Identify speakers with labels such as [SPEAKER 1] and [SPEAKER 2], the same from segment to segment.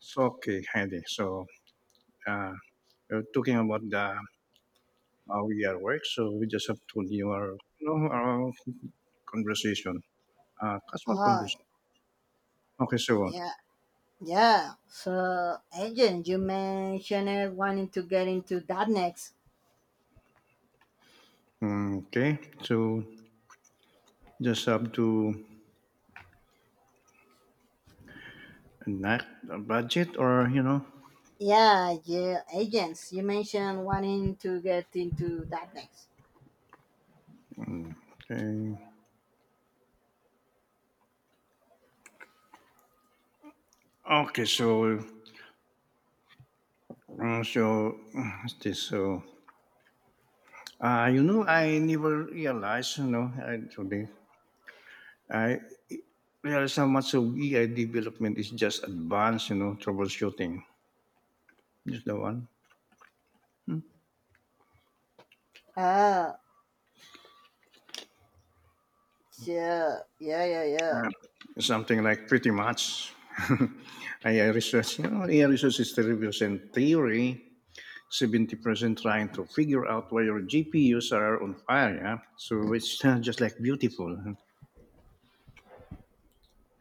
[SPEAKER 1] So, okay, Heidi. So, uh, we're talking about the how we are work. So, we just have to do our conversation. Casual
[SPEAKER 2] Oh,
[SPEAKER 1] conversation. Okay, so,
[SPEAKER 2] yeah, yeah. So, agent, you mentioned wanting to get into that next.
[SPEAKER 1] okay. So, just have to enact a budget or,
[SPEAKER 2] Yeah, yeah, agents, you mentioned wanting to get into that next.
[SPEAKER 1] mm, okay. Okay, so, what's this, so, I never realized, actually, I realized how much of AI development is just advanced, troubleshooting. Just the one. Hmm.
[SPEAKER 2] Ah, yeah, yeah, yeah, yeah.
[SPEAKER 1] Uh, Something like pretty much. AI research, AI research is the reviews and theory. 70% trying to figure out why your GPUs are on fire. Yeah? So it's just like beautiful, huh?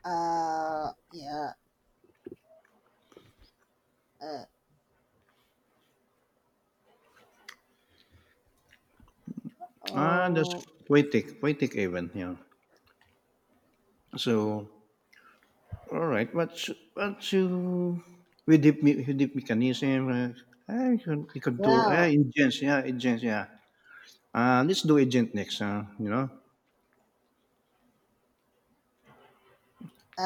[SPEAKER 2] Yeah. Uh,
[SPEAKER 1] That's
[SPEAKER 2] oh,
[SPEAKER 1] poetic, poetic even. Yeah. So, all right. What's you, with deep mechanism, you could do,
[SPEAKER 2] yeah.
[SPEAKER 1] agents, yeah, agents, yeah. Let's do agent next.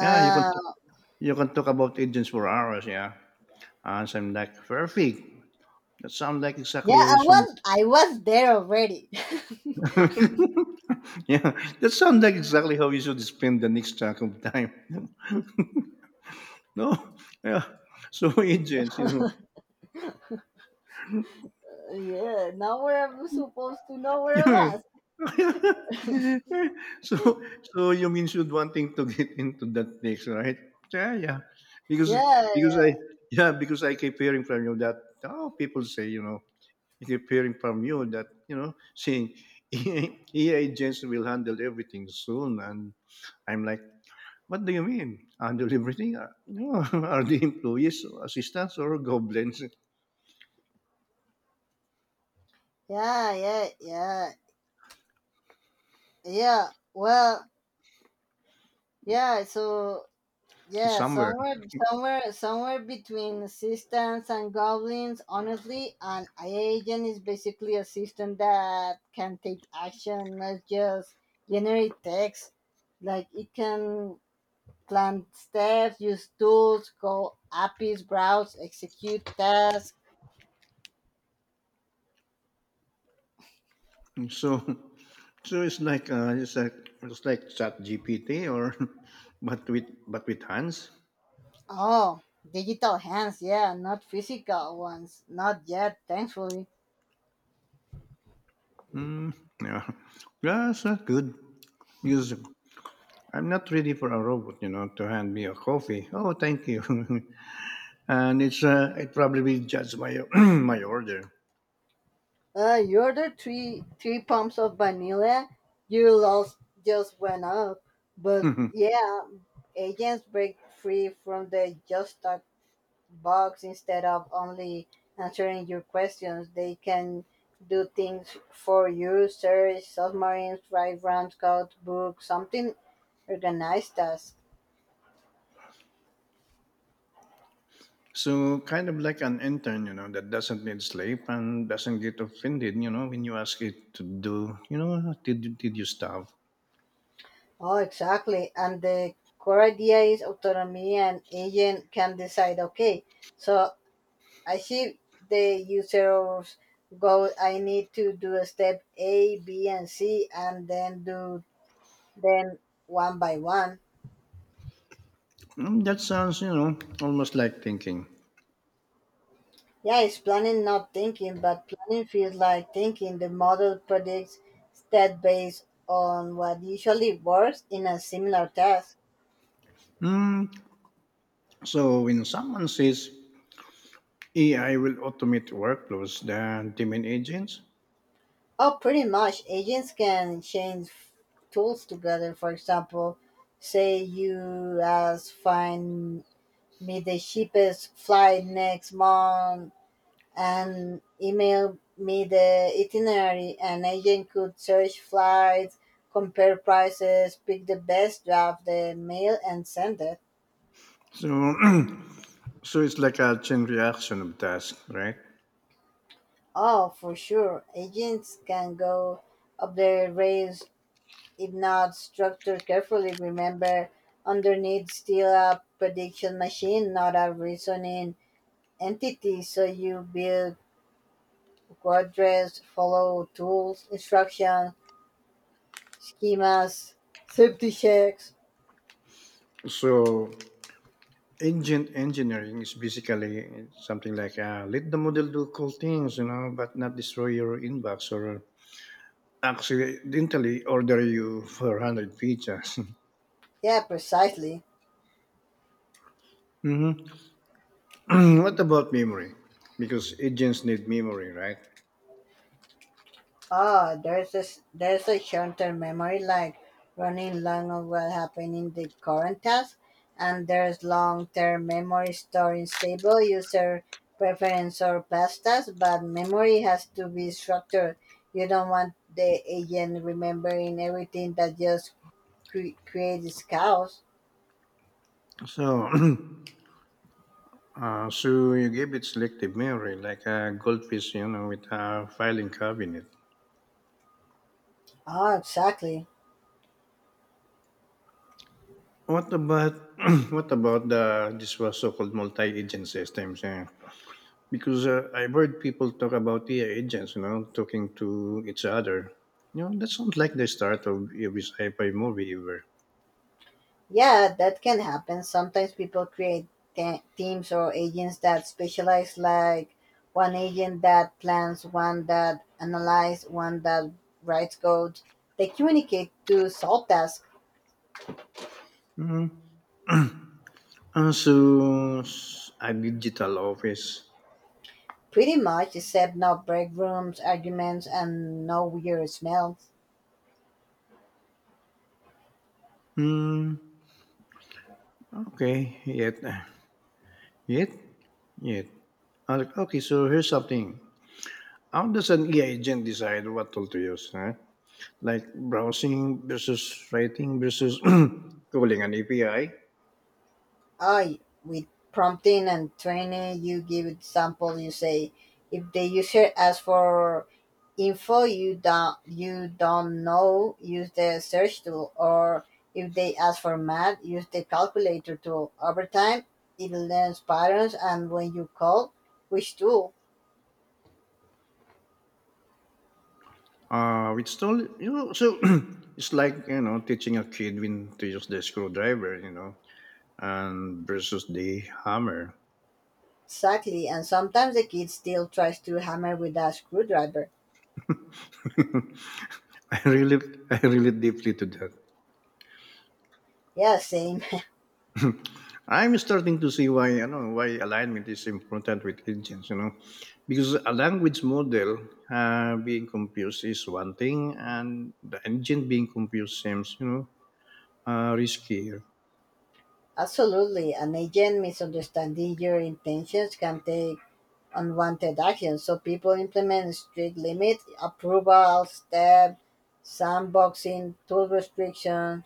[SPEAKER 1] Yeah, you can You can talk about agents for hours, yeah. And I'm like, perfect. That sounds like
[SPEAKER 2] yeah.
[SPEAKER 1] exactly how
[SPEAKER 2] I
[SPEAKER 1] you should.
[SPEAKER 2] was, I was there already.
[SPEAKER 1] Yeah, that sounds like exactly how you should spend the next chunk of time. No, yeah. So agents.
[SPEAKER 2] Yeah. Now where I supposed to know where I was.
[SPEAKER 1] so so you mean should wanting to get into that mix, right? Yeah, yeah. Because
[SPEAKER 2] Yeah,
[SPEAKER 1] because I
[SPEAKER 2] yeah,
[SPEAKER 1] yeah because I keep hearing from you that, oh people say, hearing from you that you know saying, EA agents will handle everything soon, and I'm like, what do you mean handle everything? No, are the employees assistants or goblins
[SPEAKER 2] yeah, yeah, yeah. Yeah, well, yeah, so yeah,
[SPEAKER 1] somewhere?
[SPEAKER 2] somewhere between assistants and goblins, honestly, an agent is basically a system that can take action, not just generate text. Like it can plan steps, use tools, call APIs, browse, execute tasks.
[SPEAKER 1] So, so it's like it's like Chat GPT, or but with hands.
[SPEAKER 2] Oh, digital hands, yeah, not physical ones. Not yet, thankfully.
[SPEAKER 1] Mm, yeah, yeah, it's not good because I'm not ready for a robot, to hand me a coffee. Oh, thank you. And it's it probably be judged by my order.
[SPEAKER 2] You ordered three pumps of vanilla. You lost, just went up. But yeah, agents break free from the just talk box instead of only answering your questions. They can do things for you: search submarines, write rounds, code, book, something organized task.
[SPEAKER 1] So kind of like an intern, that doesn't need sleep and doesn't get offended, when you ask it to do, did you starve?
[SPEAKER 2] Oh, exactly. And the core idea is autonomy, and agent can decide. Okay, so I see the users go, I need to do a step A, B, and C, and then do them one by one.
[SPEAKER 1] Mm, that sounds, almost like thinking.
[SPEAKER 2] Yeah, it's planning, not thinking, but planning feels like thinking. The model predicts step based on what usually works in a similar task.
[SPEAKER 1] Mm. So when someone says AI will automate workflows, the demand agents.
[SPEAKER 2] Oh, pretty much. Agents can change tools together. For example, say you ask, find me the cheapest flight next month and email me the itinerary. An agent could search flights, compare prices, pick the best, draft the mail, and send it.
[SPEAKER 1] So it's like a chain reaction of task, right?
[SPEAKER 2] Oh, for sure. Agents can go up their rails if not structured carefully. Remember, underneath still a prediction machine, not a reasoning entity. So you build quadrants, follow tools, instructions, schemas, safety checks.
[SPEAKER 1] So agent engineering is basically something like let the model do cool things, but not destroy your inbox, or accidentally order you 400 pizzas.
[SPEAKER 2] Yeah, precisely.
[SPEAKER 1] Hmm. What about memory? Because agents need memory, right?
[SPEAKER 2] Ah, there's a short-term memory like running long of what happened in the current task, and there's long-term memory storing stable user preference or past tasks, but memory has to be structured. You don't want the agent remembering everything that just creates chaos.
[SPEAKER 1] So, you give it selective memory, like a goldfish, with a filing cabinet.
[SPEAKER 2] Ah, exactly.
[SPEAKER 1] What about what about the this was so-called multi-agent systems? Yeah? Because I've heard people talk about AI agents, talking to each other. That sounds like the start of every sci-fi movie ever.
[SPEAKER 2] Yeah, that can happen. Sometimes people create teams or agents that specialize, like one agent that plans, one that analyzes, one that writes code. They communicate to solve tasks
[SPEAKER 1] Mm. A digital office.
[SPEAKER 2] pretty much, except no break rooms, arguments, and no weird smells.
[SPEAKER 1] Hmm. Okay. Yet. Yet. Okay. So here's something. How does an AI agent decide what tool to use? Huh? Like browsing versus writing versus calling an API.
[SPEAKER 2] I with prompting and training, you give example. You say if the user asks for info you don't know, use the search tool, or if they ask for math, use the calculator tool. Over time it learns patterns and when you call which tool.
[SPEAKER 1] It's still, it's like, teaching a kid when to use the screwdriver, you know, and versus the hammer.
[SPEAKER 2] Exactly, and sometimes the kid still tries to hammer with a screwdriver.
[SPEAKER 1] I really, I really deeply to that.
[SPEAKER 2] Yeah, same.
[SPEAKER 1] I'm starting to see why, why alignment is important with agents, because a language model being confused is one thing, and the agent being confused seems, riskier.
[SPEAKER 2] Absolutely, an agent misunderstanding your intentions can take unwanted actions. So people implement strict limit, approval, step, sandboxing, tool restrictions.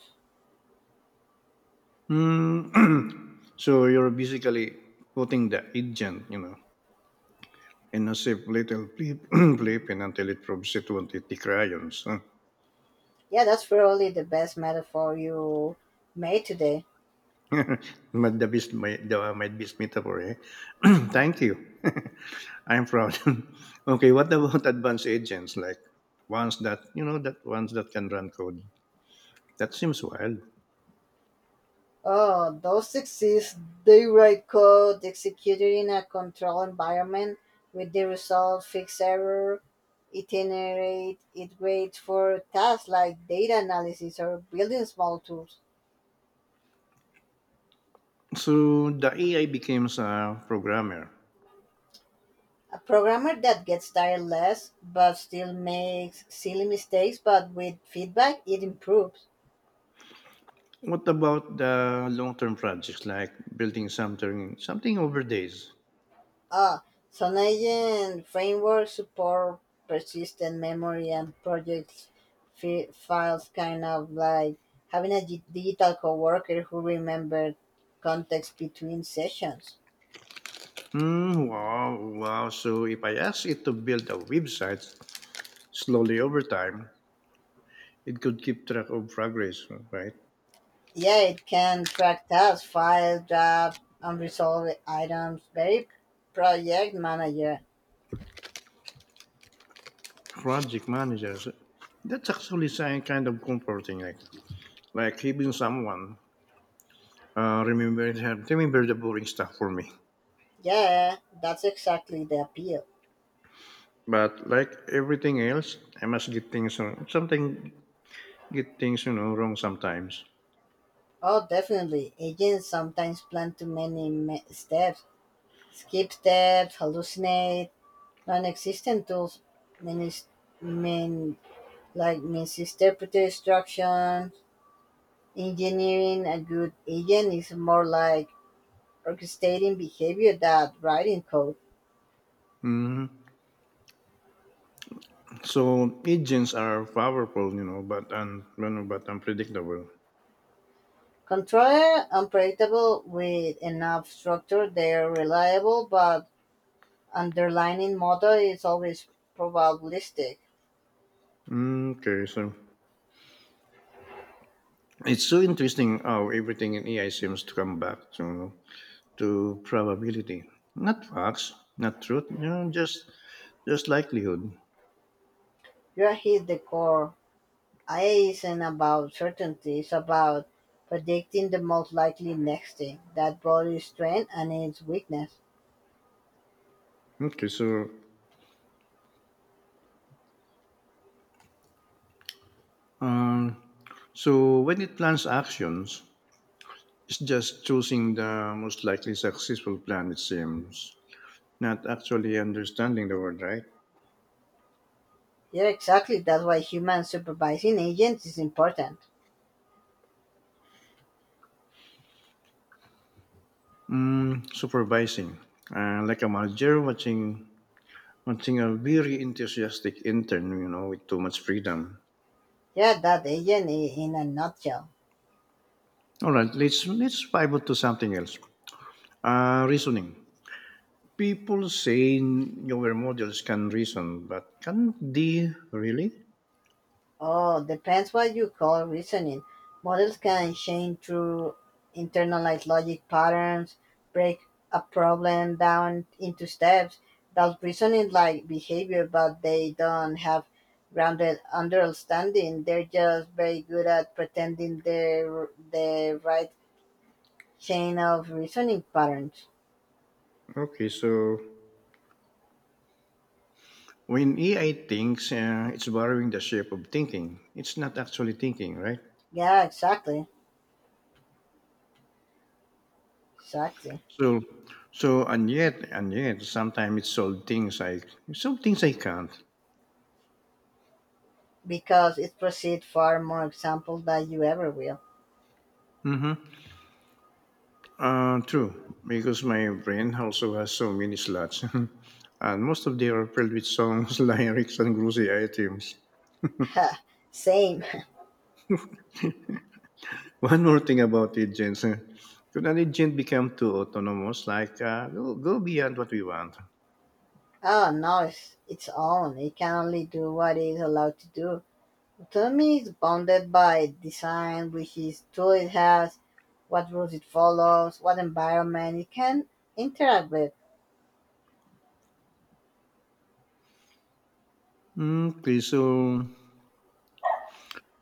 [SPEAKER 1] Mm. So you're basically putting the agent, and a safe little flipping until it proves it won't eat the crayons, huh?
[SPEAKER 2] Yeah, that's probably the best metaphor you made today.
[SPEAKER 1] But the best, my best metaphor, eh? Thank you. I'm proud. Okay, what about advanced agents like ones that can run code? That seems wild.
[SPEAKER 2] Oh, those exist. They write code executed in a control environment with the result fix error, itinerate, it waits for tasks like data analysis or building small tools.
[SPEAKER 1] So the AI becomes a programmer.
[SPEAKER 2] A programmer that gets tireless but still makes silly mistakes, but with feedback it improves.
[SPEAKER 1] What about the long-term projects like building something over days?
[SPEAKER 2] Ah, SonAgent frameworks support persistent memory and project files, kind of like having a digital coworker who remembers context between sessions.
[SPEAKER 1] Hmm, wow, wow. So if I ask it to build a website, slowly over time, it could keep track of progress, right?
[SPEAKER 2] Yeah, it can track tasks, file drafts, unresolved items. Very project manager.
[SPEAKER 1] Project managers, that's actually sign kind of comforting, like having someone uh, remember remember the boring stuff for me.
[SPEAKER 2] Yeah, that's exactly the appeal.
[SPEAKER 1] But like everything else, I must get things wrong sometimes.
[SPEAKER 2] Oh, definitely. Agents sometimes plan too many steps, skip steps, hallucinate, non-existent tools, minis- min- like misinterpreted instructions. Engineering a good agent is more like orchestrating behavior than writing code.
[SPEAKER 1] Hmm. So agents are powerful, but unpredictable.
[SPEAKER 2] Controller unpredictable with enough structure, they're reliable, but underlying model is always probabilistic.
[SPEAKER 1] Mm, okay, so it's so interesting how everything in AI seems to come back, to probability. Not facts, not truth, just likelihood.
[SPEAKER 2] You hit the core. IA isn't about certainty, it's about predicting the most likely next thing, that body's strength and its weakness.
[SPEAKER 1] Okay, so um, when it plans actions, it's just choosing the most likely successful plan. It seems not actually understanding the word, right?
[SPEAKER 2] Yeah, exactly. That's why human supervising agents is important.
[SPEAKER 1] Mm, supervising, like a manager watching a very enthusiastic intern, with too much freedom.
[SPEAKER 2] Yeah, that agent in a nutshell.
[SPEAKER 1] All right, let's pivot to something else. Reasoning. People say newer models can reason, but can they really?
[SPEAKER 2] Oh, depends what you call reasoning. Models can change through internalized logic patterns, break a problem down into steps. That's reasoning like behavior, but they don't have grounded understanding. They're just very good at pretending they're the right chain of reasoning patterns.
[SPEAKER 1] Okay, so when AI thinks, it's borrowing the shape of thinking. It's not actually thinking, right?
[SPEAKER 2] Yeah, exactly. Exactly.
[SPEAKER 1] So, so and yet, sometimes it solves things I it solve things I can't.
[SPEAKER 2] Because it proceeds far more example than you ever will.
[SPEAKER 1] Mm-hmm. True, because my brain also has so many slots, and most of them are filled with songs, lyrics, and grocery items.
[SPEAKER 2] Same.
[SPEAKER 1] One more thing about agents, eh. Could an agent become too autonomous, like, go beyond what we want?
[SPEAKER 2] Oh, no, it's its own. It can only do what it is allowed to do. Autonomy is bounded by design, which is tool it has, what rules it follows, what environment it can interact with.
[SPEAKER 1] Mm, okay, so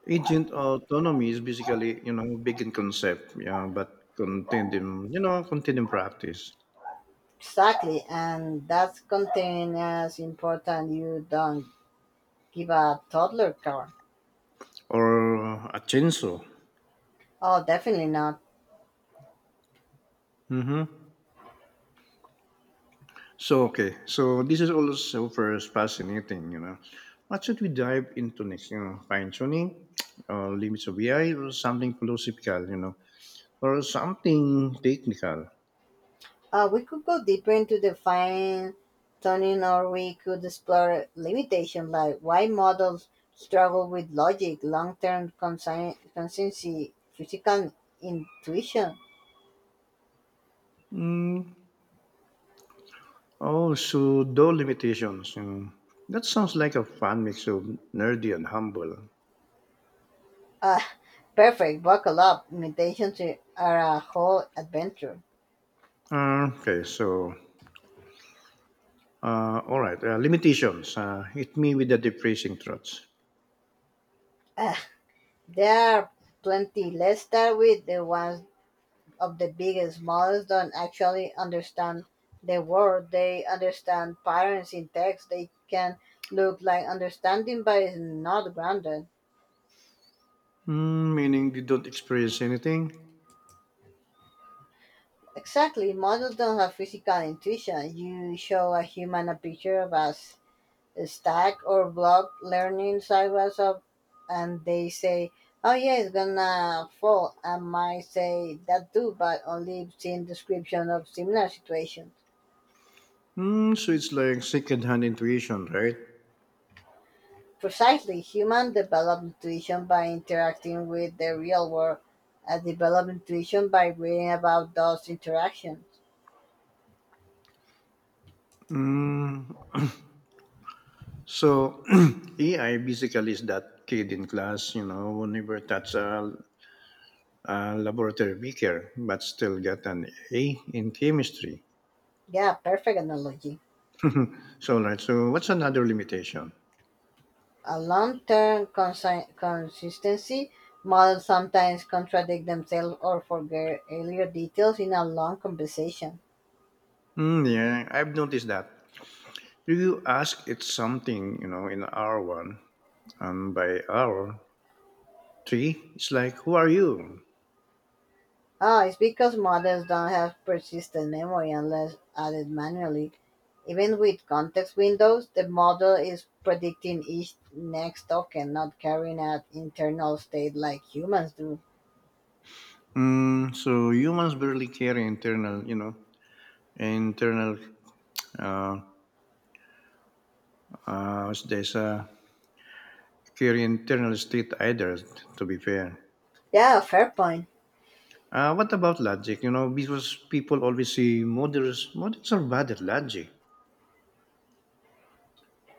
[SPEAKER 1] agent autonomy is basically, big in concept, yeah, but contained in practice
[SPEAKER 2] Exactly, and that's contained as important you don't give a toddler car.
[SPEAKER 1] or a chainsaw.
[SPEAKER 2] Oh, definitely not.
[SPEAKER 1] Mm-hmm. So, okay, so this is also first fascinating. What should we dive into next? Fine tuning, or limits of AI, or something philosophical, or something technical?
[SPEAKER 2] We could go deeper into the fine tuning, or we could explore limitations like why models struggle with logic, long term consistency, physical intuition.
[SPEAKER 1] Mm, oh, so no limitations. Mm, that sounds like a fun mix of nerdy and humble.
[SPEAKER 2] Uh, Perfect, buckle up. Limitations are a whole adventure.
[SPEAKER 1] Okay, so all right, limitations. Hit me with the depressing thoughts.
[SPEAKER 2] Ah, there are plenty. Let's start with the ones of the biggest models don't actually understand the world. They understand patterns in text. They can look like understanding, but it's not grounded.
[SPEAKER 1] Mm, meaning you don't experience anything.
[SPEAKER 2] Exactly, models don't have physical intuition. You show a human a picture of a stack or block learning sideways up, and they say, "Oh yeah, it's gonna fall." I might say that too, but only seeing description of similar situation.
[SPEAKER 1] Mm, so it's like second-hand intuition, right?
[SPEAKER 2] Precisely, humans develop intuition by interacting with the real world, and develop intuition by reading about those interactions.
[SPEAKER 1] Mm, so AI basically is that kid in class, who never touched a laboratory beaker but still got an A in chemistry.
[SPEAKER 2] Yeah, perfect analogy.
[SPEAKER 1] So, right. So, what's another limitation?
[SPEAKER 2] A long-term consistency models sometimes contradict themselves or forget earlier details in a long conversation.
[SPEAKER 1] Mm, yeah, I've noticed that. If you ask it something, in hour one, and by hour three, it's like, who are you?
[SPEAKER 2] Ah, it's because models don't have persistent memory unless added manually. Even with context windows, the model is predicting each next token, not carrying out internal state like humans do.
[SPEAKER 1] Mm, so humans barely carry internal. Uh, there's a Carry internal state either. To be fair.
[SPEAKER 2] Yeah, fair point.
[SPEAKER 1] What about logic? Because people always say models are bad at logic.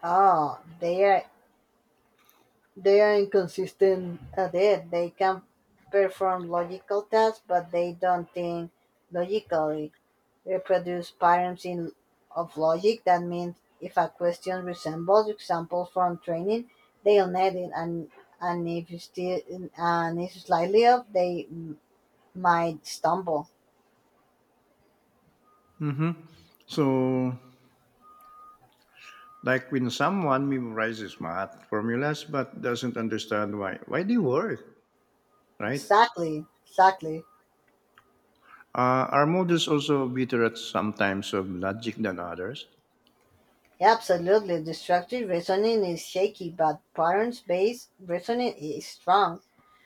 [SPEAKER 2] Oh, they are inconsistent at it. They can perform logical tasks, but they don't think logically. Reproduce params in of logic, that means if a question resembles examples from training, they'll net it, and if it's slightly off, they might stumble.
[SPEAKER 1] Mm-hmm. So, like when someone memorizes math formulas but doesn't understand why they work, right?
[SPEAKER 2] Exactly, exactly.
[SPEAKER 1] Are models also better at sometimes of logic than others?
[SPEAKER 2] Absolutely. Destructive reasoning is shaky, but patterns based reasoning is strong.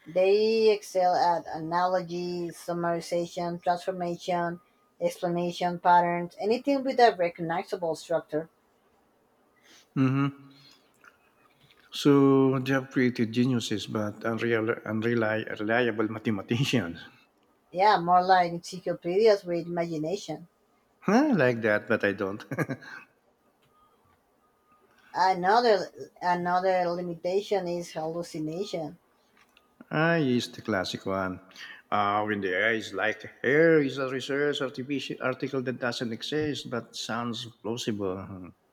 [SPEAKER 2] They excel at analogy, summarization, transformation, explanation patterns, anything with a recognizable structure.
[SPEAKER 1] Hmm. So they have created geniuses but unreliable mathematicians.
[SPEAKER 2] Yeah, more like encyclopedias with imagination.
[SPEAKER 1] I like that, but I don't.
[SPEAKER 2] Another another limitation is hallucination.
[SPEAKER 1] I use the classic one. When the AI is like, here is a research article that doesn't exist but sounds plausible.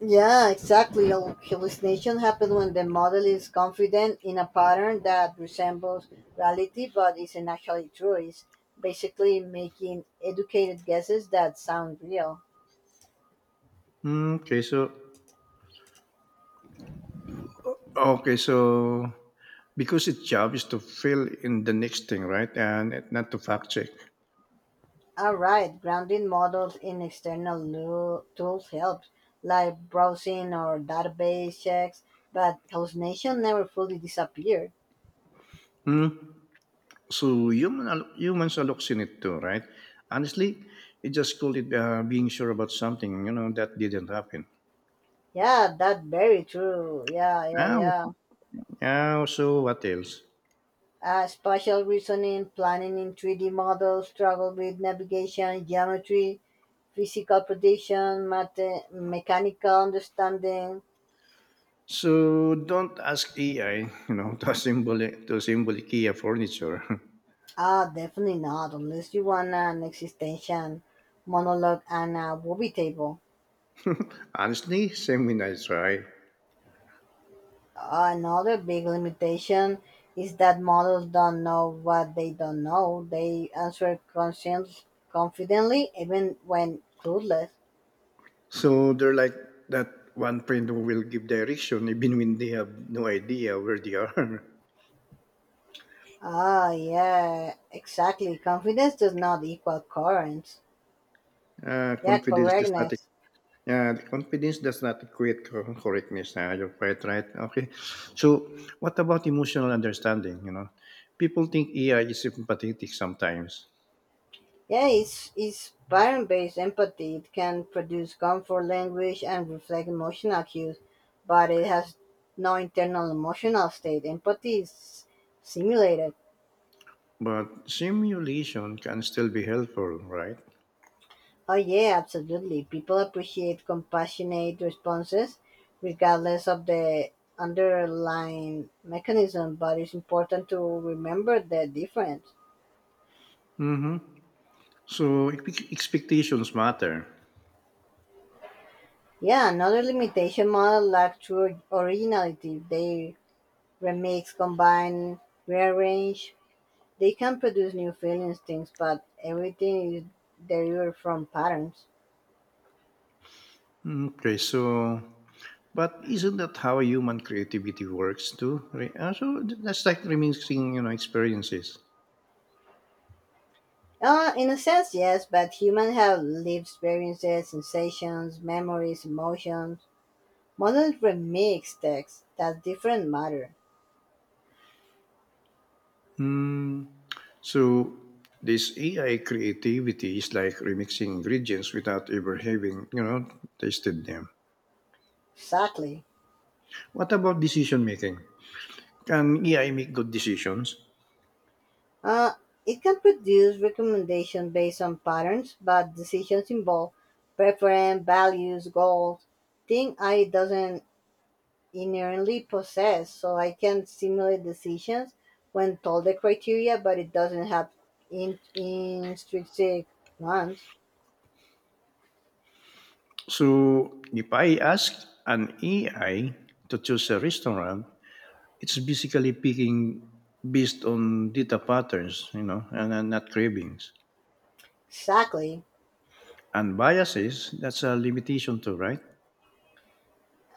[SPEAKER 2] Yeah, exactly. Hallucination happens when the model is confident in a pattern that resembles reality but isn't actually true. It's basically making educated guesses that sound real.
[SPEAKER 1] Hmm. Okay, so because its job is to fill in the next thing, right? Not to fact check.
[SPEAKER 2] All right, grounding models in external tools helps, like browsing or database checks, but hallucination never fully disappears.
[SPEAKER 1] Hmm. So humans are looks in it too, right? Honestly, it just called it being sure about something, that didn't happen.
[SPEAKER 2] Yeah, that very true. Yeah, yeah,
[SPEAKER 1] Now,
[SPEAKER 2] yeah.
[SPEAKER 1] now, so what else?
[SPEAKER 2] Spatial reasoning, planning in 3D models, struggle with navigation, geometry, physical prediction, mechanical understanding.
[SPEAKER 1] So don't ask AI, to assemble IKEA furniture.
[SPEAKER 2] Ah, definitely not, unless you want an existential monologue and a movie table.
[SPEAKER 1] Honestly, same when I try.
[SPEAKER 2] Another big limitation is that models don't know what they don't know. They answer questions confidently, even when clueless.
[SPEAKER 1] So they're like that one friend who will give direction even when they have no idea where they are.
[SPEAKER 2] Ah, yeah, exactly. Confidence does not equal courage. Yeah,
[SPEAKER 1] Confidence does not
[SPEAKER 2] correctness.
[SPEAKER 1] Yeah, the confidence does not equate correctness. You're quite right. Okay. So what about emotional understanding? People think AI is sympathetic sometimes,
[SPEAKER 2] Yeah, it's pattern based empathy. It can produce comfort language and reflect emotional cues, but it has no internal emotional state. Empathy is simulated.
[SPEAKER 1] but simulation can still be helpful, right?
[SPEAKER 2] Oh, yeah, absolutely. People appreciate compassionate responses regardless of the underlying mechanism, but it's important to remember the difference.
[SPEAKER 1] Mm-hmm. So expectations matter.
[SPEAKER 2] Yeah, another limitation model lack true originality. They remix, combine, rearrange. They can produce new feelings, things, but everything is derived from patterns.
[SPEAKER 1] Mm, okay, but isn't that how human creativity works too? So that's like remixing, experiences.
[SPEAKER 2] In a sense, yes, but humans have lived experiences, sensations, memories, emotions. Models remix text. That's different matter.
[SPEAKER 1] Hmm. So this AI creativity is like remixing ingredients without ever having, tasted them.
[SPEAKER 2] Exactly.
[SPEAKER 1] What about decision making? Can AI make good decisions?
[SPEAKER 2] Uh, it can produce recommendations based on patterns, but decisions involve preference, values, goals, things I doesn't inherently possess. So I can simulate decisions when told the criteria, but it doesn't have intrinsic ones.
[SPEAKER 1] So if I ask an AI to choose a restaurant, it's basically picking based on data patterns, and not cravings.
[SPEAKER 2] Exactly.
[SPEAKER 1] And biases, that's a limitation too, right?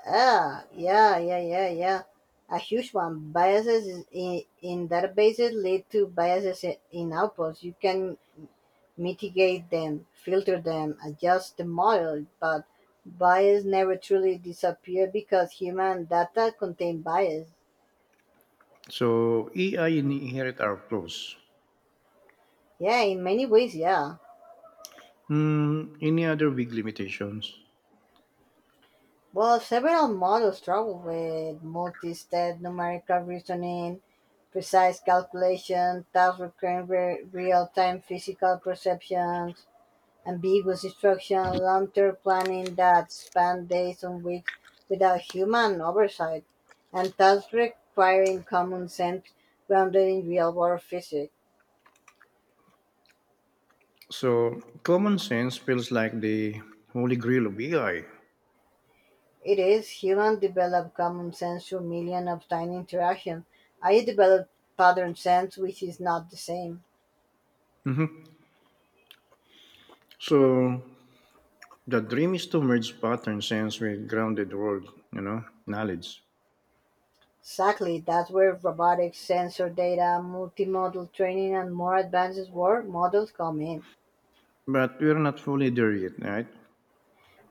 [SPEAKER 2] Ah, yeah, yeah, yeah, yeah. A huge one. Biases in databases lead to biases in outputs. You can mitigate them, filter them, adjust the model, but bias never truly disappear because human data contain bias.
[SPEAKER 1] So AI inherit our flaws.
[SPEAKER 2] Yeah, in many ways, yeah.
[SPEAKER 1] Hmm, any other big limitations?
[SPEAKER 2] Well, several models struggle with multi-step numerical reasoning, precise calculation, task recurring real-time physical perceptions, ambiguous instruction, long-term planning that spanned days and weeks without human oversight, and tasks requiring common sense grounded in real-world physics.
[SPEAKER 1] So common sense feels like the holy grail of AI.
[SPEAKER 2] It is human developed common sense through millions of tiny interactions. I developed pattern sense, which is not the same.
[SPEAKER 1] Mhm. So the dream is to merge pattern sense with grounded world, knowledge.
[SPEAKER 2] Exactly, that's where robotics, sensor data, multimodal training, and more advanced world models come in.
[SPEAKER 1] But we're not fully there yet, right?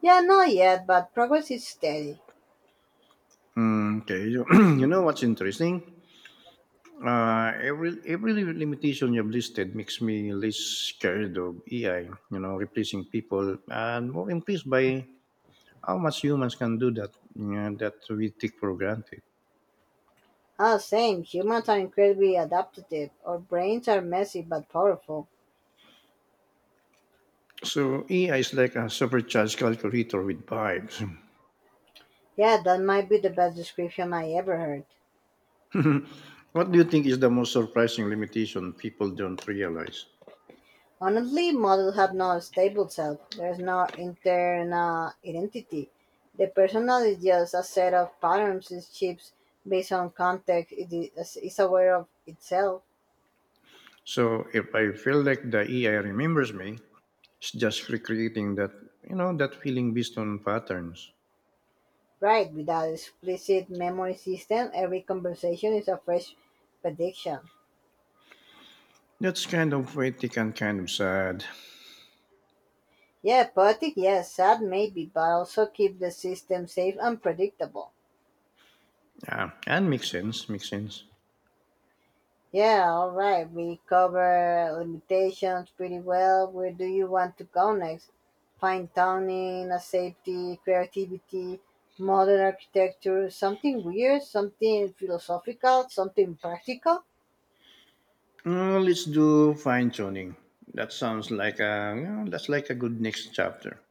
[SPEAKER 2] Yeah, not yet, but progress is steady.
[SPEAKER 1] Mm, okay, you know what's interesting? Every limitation you've listed makes me less scared of AI, replacing people, and more impressed by how much humans can do that we take for granted.
[SPEAKER 2] Ah, same. Humans are incredibly adaptive. Our brains are messy but powerful.
[SPEAKER 1] So AI is like a supercharged calculator with vibes.
[SPEAKER 2] Yeah, that might be the best description I ever heard.
[SPEAKER 1] What do you think is the most surprising limitation people don't realize?
[SPEAKER 2] Honestly, models have no stable self. There's no internal identity. The personal is just a set of patterns it shapes based on context. It is aware of itself.
[SPEAKER 1] So if I feel like the AI remembers me, it's just recreating that you know that feeling based on patterns.
[SPEAKER 2] Right, without explicit memory system, every conversation is a fresh prediction.
[SPEAKER 1] That's kind of poetic and kind of sad.
[SPEAKER 2] Yeah, poetic, yes, sad maybe, but also keep the system safe and predictable.
[SPEAKER 1] Yeah, and makes sense. Makes sense.
[SPEAKER 2] Yeah, all right, we cover limitations pretty well. Where do you want to go next? Fine tuning, a safety, creativity, modern architecture, something weird, something philosophical, something practical.
[SPEAKER 1] Let's do fine tuning. That's like a good next chapter.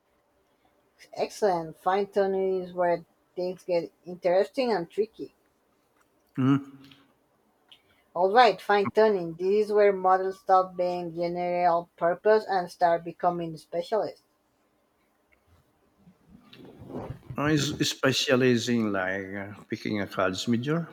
[SPEAKER 2] Excellent. Fine tuning is where things get interesting and tricky.
[SPEAKER 1] Mm.
[SPEAKER 2] Alright, fine tuning, this is where models stop being general purpose and start becoming specialists.
[SPEAKER 1] It's specializing like picking a cards major.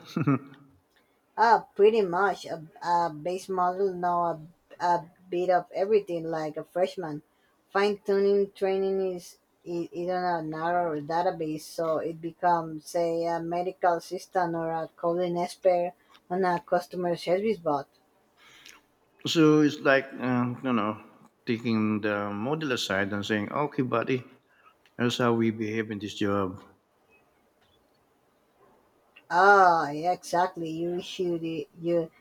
[SPEAKER 2] Ah, pretty much. A base model know a bit of everything like a freshman. Fine tuning training is on a narrow database, so it becomes, say, a medical assistant or a coding expert on a customer service bot.
[SPEAKER 1] So it's like taking the model aside and saying, okay, buddy, here's how we behave in this job.
[SPEAKER 2] Ah, yeah, exactly. You should you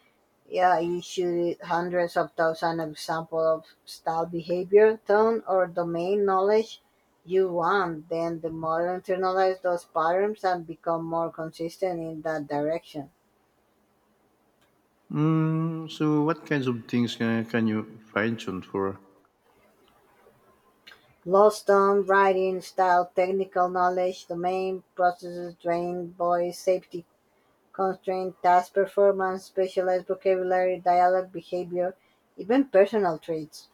[SPEAKER 2] yeah, you issued hundreds of thousands of examples of style behavior, tone, or domain knowledge you want, then the model internalizes those patterns and become more consistent in that direction.
[SPEAKER 1] Mm, so what kinds of things can you fine tune for?
[SPEAKER 2] Lost tone, writing, style, technical knowledge, domain, processes, training, voice, safety, constraint, task performance, specialized vocabulary, dialogue, behavior, even personal traits.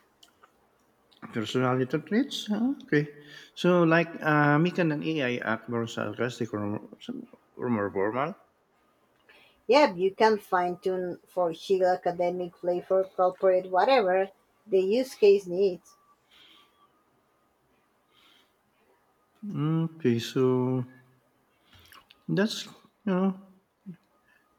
[SPEAKER 1] Personality traits? Okay. So, like, me can an AI act more sarcastic, or more formal?
[SPEAKER 2] Yeah, you can fine tune for chill, academic, flavor, corporate, whatever the use case needs.
[SPEAKER 1] Mm, okay, so that's, you know,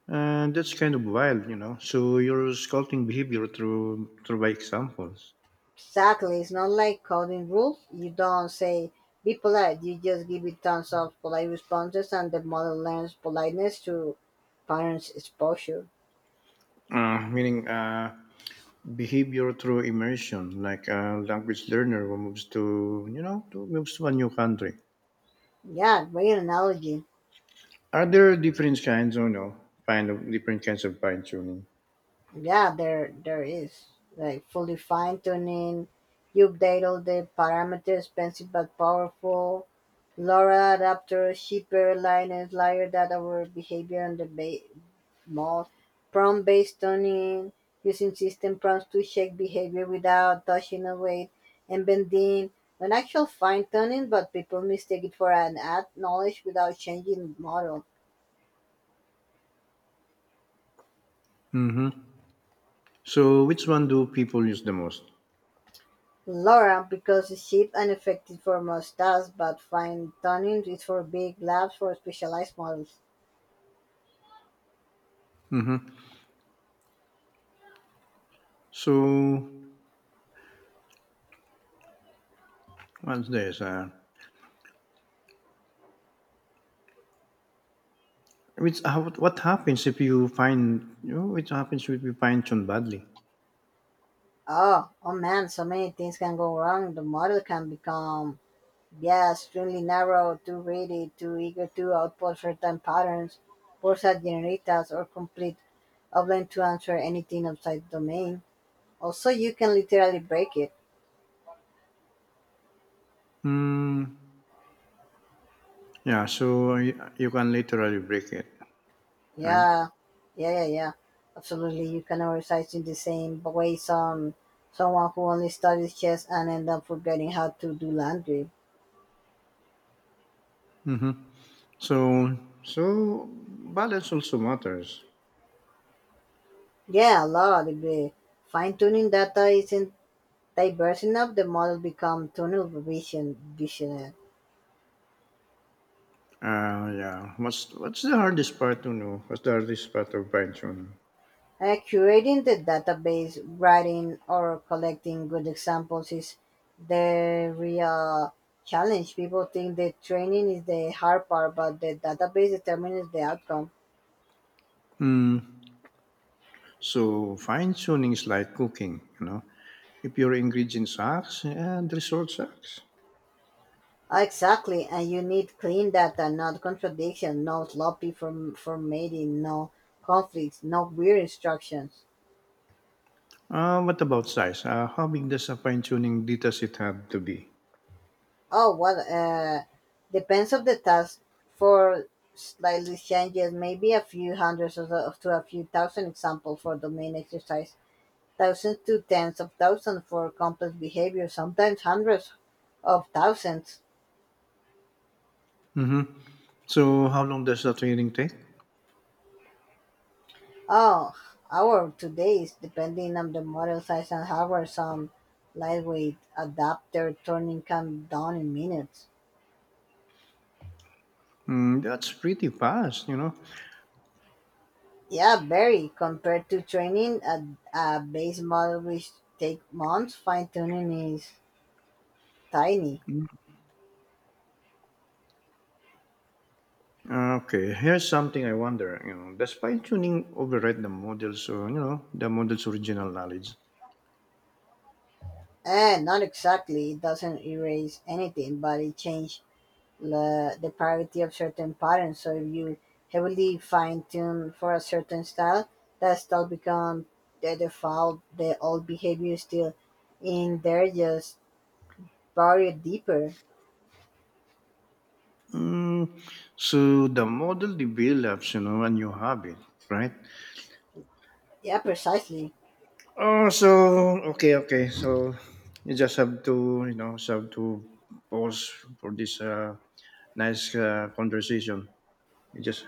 [SPEAKER 1] that's kind of wild. So you're sculpting behavior through, through by examples.
[SPEAKER 2] Exactly, it's not like coding rules. You don't say be polite, you just give it tons of polite responses and the model learns politeness to parents' exposure.
[SPEAKER 1] Meaning, behavior through immersion, like a language learner who moves to, you know, to, moves to a new country.
[SPEAKER 2] Yeah, great analogy.
[SPEAKER 1] Are there different kinds of fine tuning?
[SPEAKER 2] Yeah, there is like fully fine tuning. You update all the parameters, expensive but powerful. LoRa adapter, cheaper liners, layer data over behavior on the mod, prompt based tuning, using system prompts to check behavior without touching a weight, and bending, an actual fine tuning, but people mistake it for an ad knowledge without changing model.
[SPEAKER 1] So, which one do people use the most?
[SPEAKER 2] Laura because the shape unaffected for most tasks, but fine-tuning is for big labs for specialized models.
[SPEAKER 1] Hmm. So, what's this? What happens if you find you know, which happens if you fine tune badly?
[SPEAKER 2] Oh man, so many things can go wrong. The model can become, yeah, extremely narrow, too ready, too eager to output certain patterns, bursa generitas, or complete, unable to answer anything outside the domain. Also, you can literally break it.
[SPEAKER 1] Hmm, yeah. So you can literally break it, right?
[SPEAKER 2] Yeah, yeah, yeah, yeah. Absolutely, you can exercise in the same way someone who only studies chess and end up forgetting how to do laundry.
[SPEAKER 1] Hmm. So balance also matters.
[SPEAKER 2] Yeah, a lot. The fine tuning data isn't diverse enough. The model become tunnel vision visionary.
[SPEAKER 1] Yeah. What's the hardest part to know? What's the hardest part of fine tuning?
[SPEAKER 2] Curating the database, writing or collecting good examples is the real challenge. People think the training is the hard part, but the database determines the outcome.
[SPEAKER 1] Mm, so fine tuning is like cooking. If your ingredient sucks, and result sucks.
[SPEAKER 2] Exactly, and you need clean data, not contradiction, no sloppy formatting, no conflicts, no weird instructions.
[SPEAKER 1] What about size? How big does a fine tuning data set have to be?
[SPEAKER 2] Oh, well, depends of the task. For slightly changes, maybe a few hundreds or to a few thousand examples for domain exercise, thousands to tens of thousands for complex behavior, sometimes hundreds of thousands.
[SPEAKER 1] Hmm. So, how long does the training take?
[SPEAKER 2] Oh, our today's depending on the model size and hardware, some lightweight adapter turning can down in minutes.
[SPEAKER 1] Mm, that's pretty fast.
[SPEAKER 2] Yeah, very compared to training a base model which take months, fine tuning is tiny.
[SPEAKER 1] Mm-hmm. Okay, here's something I wonder. Does fine tuning override the models, or the model's original knowledge?
[SPEAKER 2] And not exactly, it doesn't erase anything, but it changes the parity of certain patterns. So if you heavily fine tune for a certain style, that style become the default. The old behavior is still in there, just buried deeper.
[SPEAKER 1] Mm, so the model develops, a new habit, right?
[SPEAKER 2] Yeah, precisely.
[SPEAKER 1] Oh, so okay, okay. So you just have to pause for this nice conversation. You just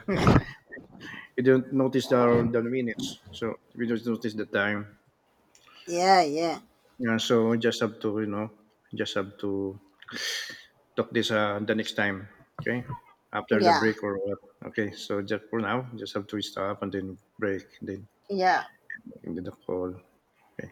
[SPEAKER 1] You don't notice the minutes, so we don't notice the time.
[SPEAKER 2] Yeah, yeah,
[SPEAKER 1] Yeah, so you just have to talk this the next time. Okay, after the
[SPEAKER 2] yeah,
[SPEAKER 1] break or what? Okay, so just for now, just have to stop and then break, then
[SPEAKER 2] yeah.
[SPEAKER 1] then the call. Okay.